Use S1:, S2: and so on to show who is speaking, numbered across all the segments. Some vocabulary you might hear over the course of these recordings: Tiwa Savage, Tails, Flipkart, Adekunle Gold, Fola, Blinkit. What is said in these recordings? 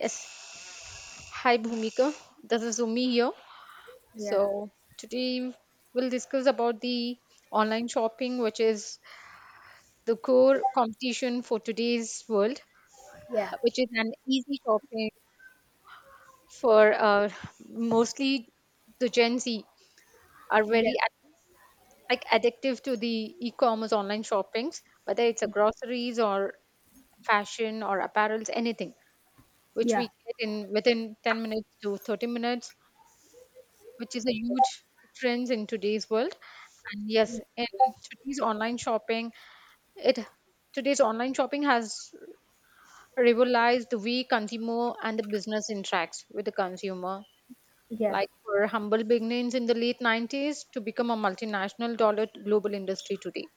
S1: Yes, hi Bhumika. This is Umi here.
S2: Yeah,
S1: So today we'll discuss about the online shopping, which is the core competition for today's world,
S2: yeah,
S1: which is an easy shopping for mostly the Gen Z are
S2: yeah,
S1: like addictive to the e-commerce online shoppings, whether it's a groceries or fashion or apparels, anything which
S2: yeah,
S1: we get in within 10 minutes to 30 minutes, which is a huge difference in today's world. And yes, in today's online shopping, it today's online shopping has revolutionized the way consumer and the business interacts with the consumer.
S2: yeah,
S1: Like for humble beginnings in the late 90s to become a multinational dollar global industry today.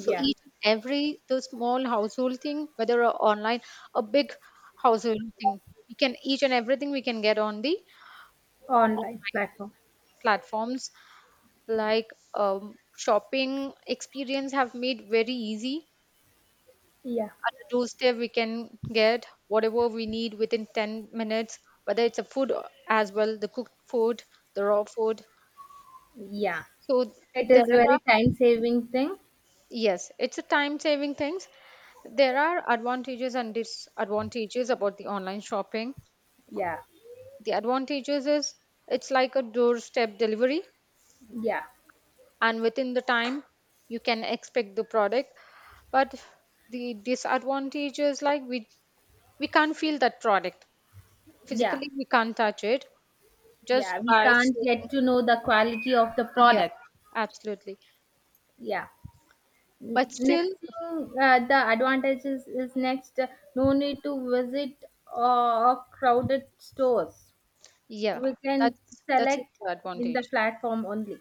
S1: So each and every the small household thing, whether a online, a big household thing, we can each and everything we can get on the
S2: online platform.
S1: platforms like shopping experience have made very easy,
S2: Yeah.
S1: at a doorstep we can get whatever we need within 10 minutes, whether it's as well the cooked food, the raw food.
S2: Yeah.
S1: So
S2: It
S1: there
S2: is
S1: are
S2: very time saving thing.
S1: yes, it's a time saving things. There are advantages and disadvantages about the online shopping.
S2: Yeah.
S1: The advantages is it's like a doorstep delivery
S2: Yeah,
S1: and within the time you can expect the product. But the disadvantage is like we can't feel that product,
S2: yeah,
S1: physically we can't touch it, just
S2: yeah. We
S1: by
S2: can't get
S1: saying.
S2: to know the quality of the
S1: Yeah,
S2: product.
S1: absolutely.
S2: Yeah.
S1: But still,
S2: Next thing, the advantages is next. No need to visit crowded stores.
S1: yeah,
S2: We can
S1: that's the
S2: select in the
S1: advantage.
S2: platform only.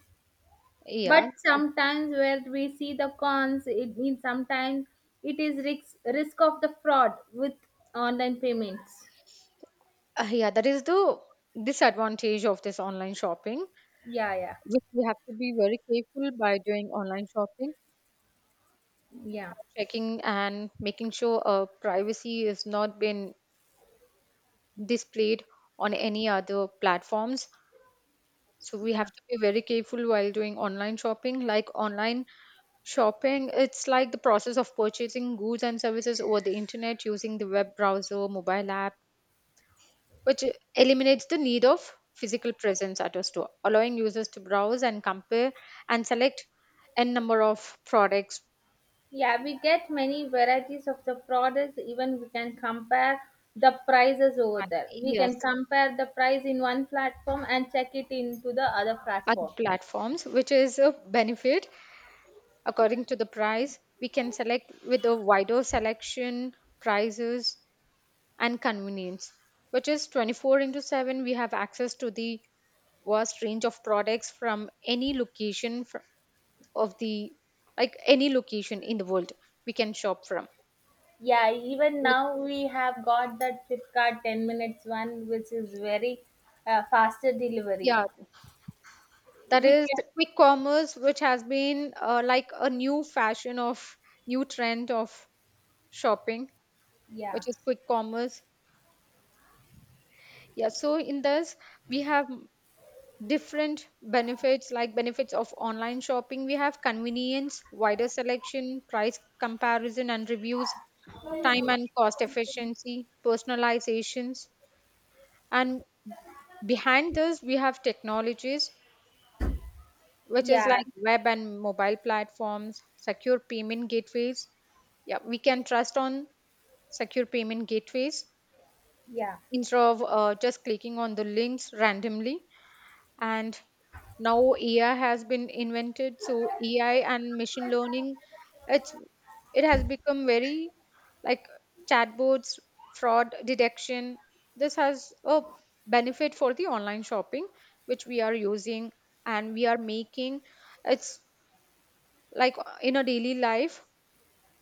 S2: But
S1: Yeah.
S2: sometimes where we see the cons, it means sometimes it is risk of the fraud with online payments.
S1: Yeah, that is the disadvantage of this online shopping,
S2: Yeah, yeah,
S1: which we have to be very careful by doing online shopping,
S2: yeah.
S1: by checking and making sure our privacy is not been displayed on any other platforms. So we have
S2: Yeah.
S1: to be very careful while doing online shopping. Like online shopping, it's like the process of purchasing goods and services over the internet using the web browser, mobile app, which eliminates the need of physical presence at a store, allowing users to browse and compare and select n number of products.
S2: Yeah, we get many varieties of the products, even we can compare the prices over there. We
S1: Yes,
S2: can compare the price in one platform and check it into the other
S1: other
S2: platform.
S1: platforms, which is a benefit. According to the price, we can select with a wider selection, prices, and convenience, which is 24 into 7. We have access to the vast range of products from any of the like any location in the world we can shop from.
S2: Yeah, even
S1: Like,
S2: now we have got that Flipkart 10 minutes one, which is very faster delivery.
S1: yeah, that
S2: We
S1: is
S2: can,
S1: quick commerce, which has been like a new fashion of new trend of shopping,
S2: yeah,
S1: which is quick commerce. Yeah, so in this, we have different benefits, like benefits of online shopping we have convenience, wider selection, price comparison and reviews, time and cost efficiency, personalizations, and behind this we have technologies which is
S2: yeah,
S1: like web and mobile platforms, secure payment gateways. Yeah, we can trust on secure payment gateways
S2: yeah,
S1: instead of just clicking on the links randomly. And now AI has been invented, so AI and machine learning, it's it has become very like chatbots, fraud detection. This has a benefit for the online shopping which we are using, and we are making it's like in a daily life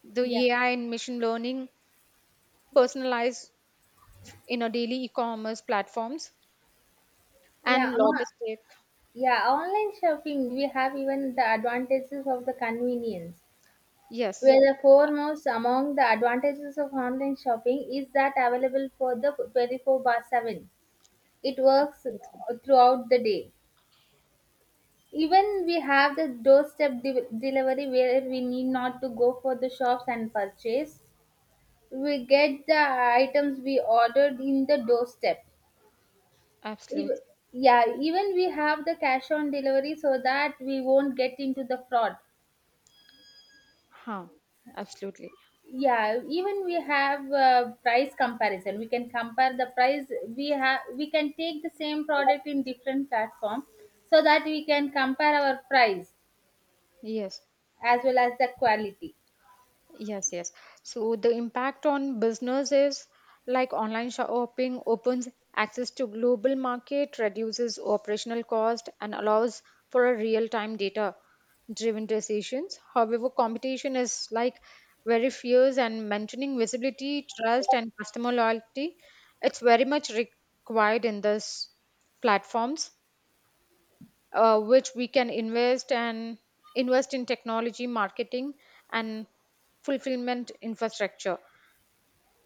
S1: the
S2: yeah,
S1: AI and machine learning personalized in a daily e-commerce platforms and
S2: yeah,
S1: logistic.
S2: yeah. Online shopping, we have even the advantages of the convenience.
S1: Yes,
S2: Where the foremost among the advantages of online shopping is that available for the 24 by 7. It works
S1: absolutely,
S2: throughout the day. Even we have the doorstep delivery, where we need not to go for the shops and purchase. We get the items we ordered in the doorstep. Even,
S1: absolutely.
S2: yeah, even we have the cash on delivery so that we won't get into the fraud.
S1: Huh, absolutely.
S2: Yeah, even we have price comparison. We can compare the price. We can take the same product in different platform so that we can compare our price
S1: Yes,
S2: as well as the quality.
S1: yes, yes. So the impact on business is like online shopping opens access to global market, reduces operational cost, and allows for a real-time data driven decisions. However, competition is like very fierce and maintaining visibility, trust, and customer loyalty, it's very much required in this platforms, which we can invest and invest in technology marketing and fulfillment infrastructure,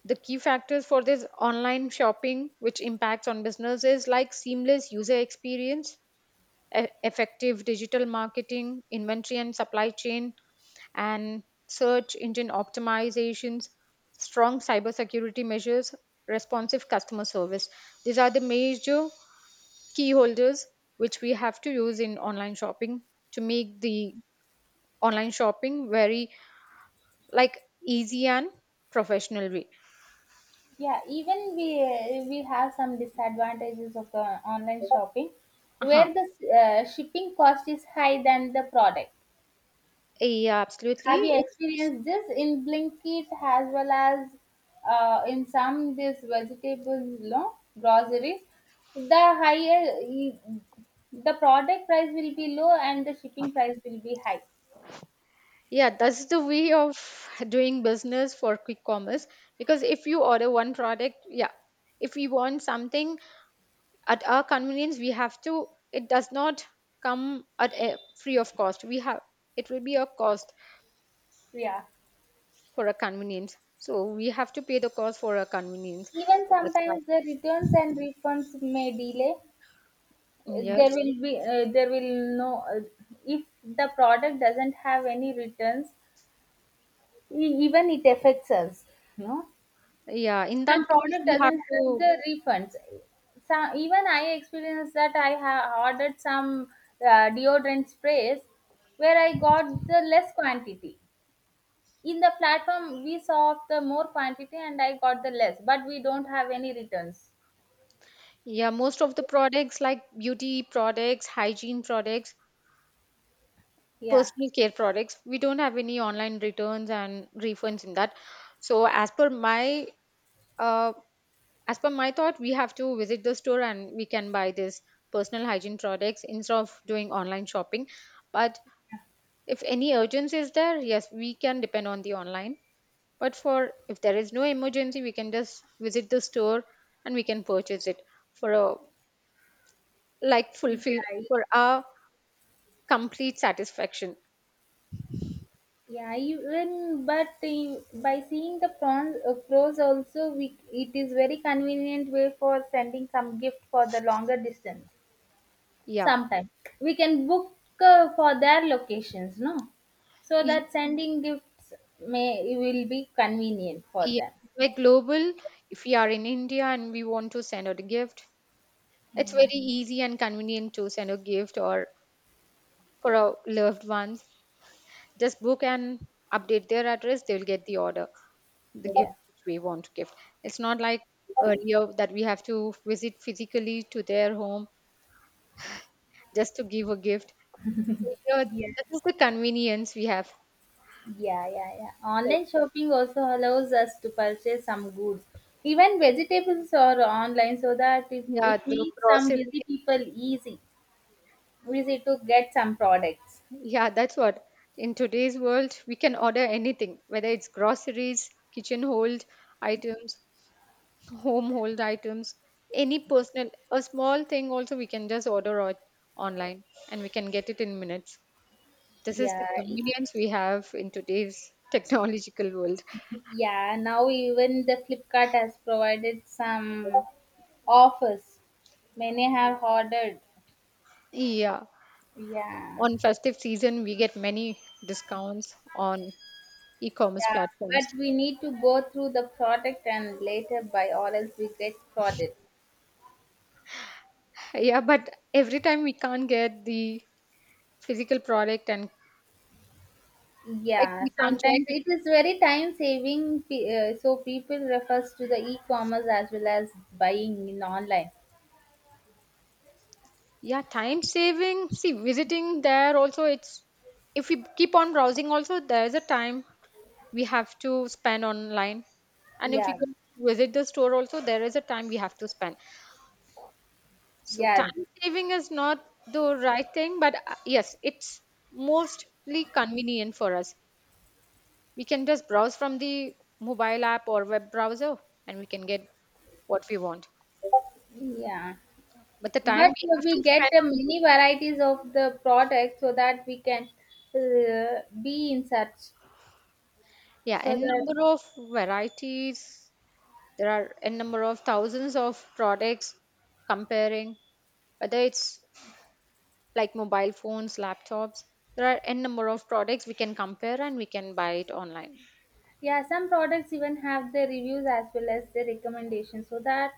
S1: the key factors for this online shopping which impacts on businesses, like seamless user experience, effective digital marketing, inventory and supply chain, and search engine optimizations, strong cybersecurity measures, responsive customer service. These are the major key holders which we have to use in online shopping to make the online shopping very like easy and professional way.
S2: Yeah, even we have some disadvantages of the online shopping,
S1: Uh-huh.
S2: where the shipping cost is high than the product.
S1: Yeah, absolutely.
S2: Have you experienced this in Blinkit as well as in some this vegetable, no, groceries? The higher e, the product price will be low and the shipping price will be high.
S1: Yeah, that's the way of doing business for quick commerce, because if you order one product, yeah, if we want something at our convenience, we have to, it does not come at a free of cost, we have, it will be a cost
S2: Yeah.
S1: for a convenience. So we have to pay the cost for a convenience.
S2: Even
S1: So that's why,
S2: sometimes the returns and refunds may delay. There
S1: yes,
S2: will be there will no if the product doesn't have any returns, even it affects us. No.
S1: yeah, in
S2: Some
S1: that case
S2: product
S1: we have
S2: doesn't have
S1: to.
S2: the refunds. Some, even I experienced that. I have ordered some deodorant sprays where I got the less quantity. In the platform we saw of the more quantity and I got the less, but we don't have any returns.
S1: Yeah, most of the products like beauty products, hygiene products,
S2: Yeah,
S1: personal care products, we don't have any online returns and refunds in that. So uh, as per my thought, we have to visit the store and we can buy this personal hygiene products instead of doing online shopping. But if any urgency is there, yes, we can depend on the online. But for if there is no emergency, we can just visit the store and we can purchase it for a like fulfill
S2: yeah,
S1: for our complete satisfaction.
S2: yeah, even by seeing the prawns, pros also, we, it is very convenient way for sending some gift for the longer distance.
S1: Yeah.
S2: Sometime we can book for their locations, no? So
S1: Y-
S2: that sending gifts may it will be convenient for
S1: yeah,
S2: them.
S1: we're global, if we are in India and we want to send out a gift, it's very easy and convenient to send a gift or for our loved ones, just book and update their address, they'll get the order, the gift
S2: Yeah.
S1: which we want to give. It's not like earlier that we have to visit physically to their home just to give a gift. So here
S2: Yeah.
S1: that is the convenience we have.
S2: Yeah, yeah, yeah. Online shopping also allows us to purchase some goods, even vegetables or online, so that it,
S1: Yeah,
S2: it
S1: the
S2: makes some
S1: grocery.
S2: busy people easy, easy to get some products.
S1: Yeah, that's what. In today's world, we can order anything, whether it's groceries, kitchen hold items, home hold items, any personal, a small thing also we can just order on online and we can get it in minutes. This is the
S2: Yeah,
S1: convenience we have in today's technological world.
S2: yeah, now even the Flipkart has provided some offers. Many have ordered.
S1: Yeah.
S2: Yeah.
S1: On festive season, we get many discounts on e-commerce
S2: Yeah,
S1: platforms.
S2: but we need to go through the product and later buy, or else we get frauded.
S1: Yeah, but every time we can't get the physical product and like
S2: Yeah,
S1: we can't
S2: sometimes
S1: check.
S2: it is very time saving, so people refers to the e-commerce as well as buying in online.
S1: Yeah, time saving. See, visiting there also, it's if we keep on browsing, also there's a time we have to spend online. And if we
S2: Yeah,
S1: go visit the store, also there is a time we have to spend. So, time
S2: yeah,
S1: saving is not the right thing, but yes, it's mostly convenient for us. We can just browse from the mobile app or web browser and we can get what we want.
S2: yeah.
S1: But the time
S2: But
S1: we have
S2: we
S1: to
S2: get
S1: spend
S2: the
S1: on,
S2: many varieties of the product so that we can be in search.
S1: yeah,
S2: So
S1: n
S2: that
S1: number of varieties. There are a number of thousands of products comparing, whether it's like mobile phones, laptops. There are a number of products we can compare and we can buy it online.
S2: yeah, some products even have the reviews as well as the recommendations, so that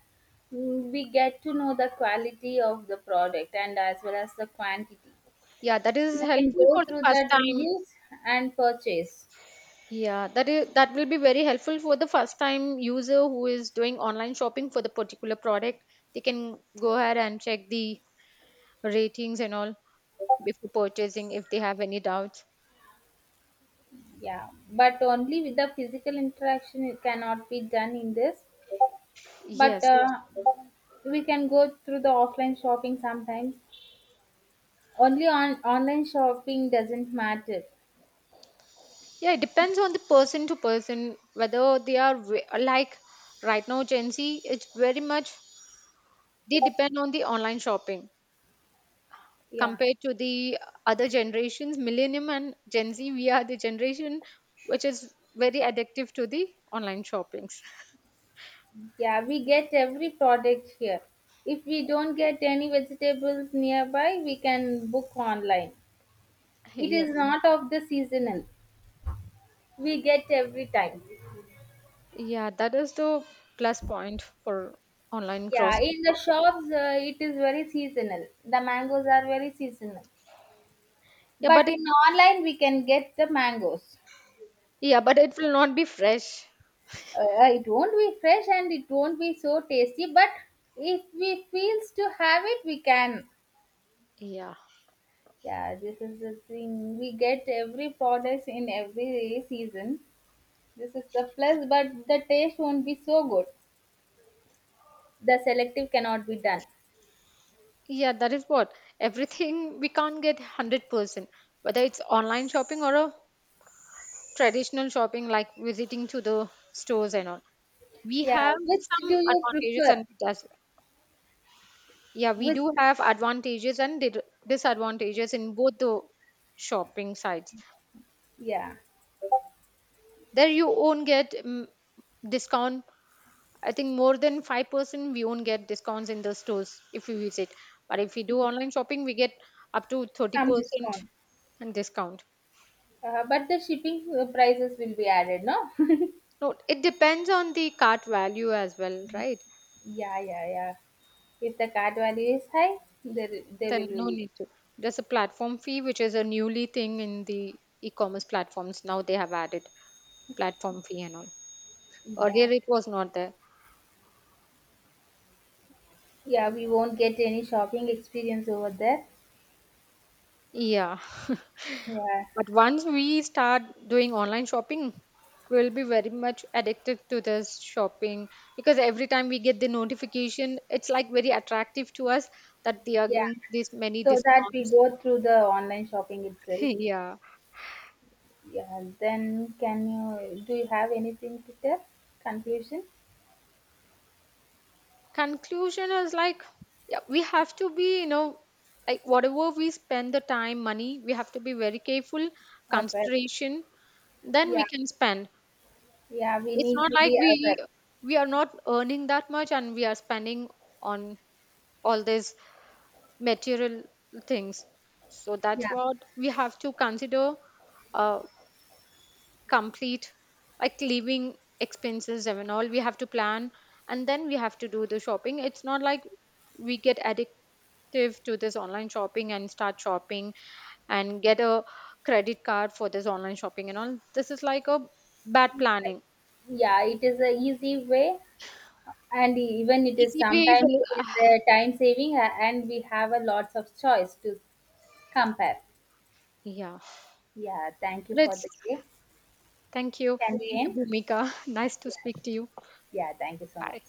S2: mm, we get to know the quality of the product and as well as the quantity.
S1: Yeah, that is
S2: We can
S1: helpful
S2: go
S1: for the
S2: through
S1: first
S2: that
S1: time.
S2: reviews and purchase.
S1: Yeah, that is that will be very helpful for the first time user who is doing online shopping for the particular product. They can go ahead and check the ratings and all before purchasing if they have any doubts.
S2: Yeah, but only with the physical interaction it cannot be done in this. But
S1: Yes.
S2: we can go through the offline shopping sometimes, only on online shopping doesn't matter.
S1: Yeah, it depends on the person to person whether they are like right now Gen Z. It's very much they depend on the online shopping
S2: Yeah,
S1: compared to the other generations. Millennium and Gen Z, we are the generation which is very addictive to the online shoppings.
S2: yeah, we get every product here. If we don't get any vegetables nearby, we can book online. It is
S1: Yes,
S2: not of the seasonal, we get every time.
S1: yeah, that is the plus point for online
S2: Yeah,
S1: grocery
S2: in the
S1: shopping.
S2: shops, it is very seasonal, the mangoes are very seasonal,
S1: Yeah,
S2: but in online we can get the mangoes.
S1: yeah, but it will not be fresh.
S2: It won't be fresh and it won't be so tasty, but if we feels to have it, we can.
S1: Yeah.
S2: Yeah, this is the thing. We get every product in every season. This is the plus, but the taste won't be so good. The selective cannot be done.
S1: Yeah, that is what, everything we can't get 100%, whether it's online shopping or a traditional shopping like visiting to the stores and all. We
S2: Yeah,
S1: have
S2: which
S1: some
S2: do you
S1: advantages
S2: prefer?
S1: and yeah, we
S2: Which,
S1: do have advantages and disadvantages in both the shopping sites.
S2: yeah,
S1: There you won't get discount. I think more than 5% we won't get discounts in the stores if we visit. But if we do online shopping, we get up to
S2: some
S1: 30%
S2: discount.
S1: and discount.
S2: But the shipping prices will be added, no?
S1: No, it depends on the cart value as well, right?
S2: Yeah, yeah, yeah. If the card value is high, there there
S1: Then
S2: will
S1: no
S2: be.
S1: need to. There's a platform fee, which is a newly thing in the e-commerce platforms. Now they have added platform fee and all.
S2: Yeah,
S1: Earlier it was not there.
S2: yeah. We won't get any shopping experience over there.
S1: Yeah.
S2: Yeah,
S1: But once we start doing online shopping, we'll be very much addicted to this shopping, because every time we get the notification, it's like very attractive to us that they are
S2: yeah.
S1: giving this many
S2: So that we
S1: discounts.
S2: go through the online shopping itself.
S1: Yeah.
S2: Yeah. Then can you do you have anything to tell? Conclusion?
S1: Conclusion is like, yeah, we have to be like, whatever we spend the time money, we have to be very careful,
S2: Aware.
S1: consideration, then we
S2: Yeah.
S1: can spend.
S2: Yeah. We
S1: It's
S2: need
S1: not
S2: to
S1: like
S2: be
S1: we
S2: aware.
S1: we are not earning that much and we are spending on all these material things, so that's
S2: Yeah.
S1: what we have to consider, uh complete like living expenses and all we have to plan, and then we have to do the shopping. It's not like we get addicted, active to this online shopping and start shopping and get a credit card for this online shopping and all, this is like a bad planning.
S2: Yeah. It is a easy way, and even it is
S1: Easy way
S2: sometimes
S1: will,
S2: it is
S1: ah,
S2: a time saving, and we have a lots of choice to compare.
S1: yeah,
S2: Yeah. Thank you for
S1: let's,
S2: the day.
S1: thank you,
S2: Can we
S1: thank you
S2: end?
S1: Bhumika nice to
S2: Yeah.
S1: speak to you.
S2: Yeah. Thank you so
S1: Bye.
S2: much.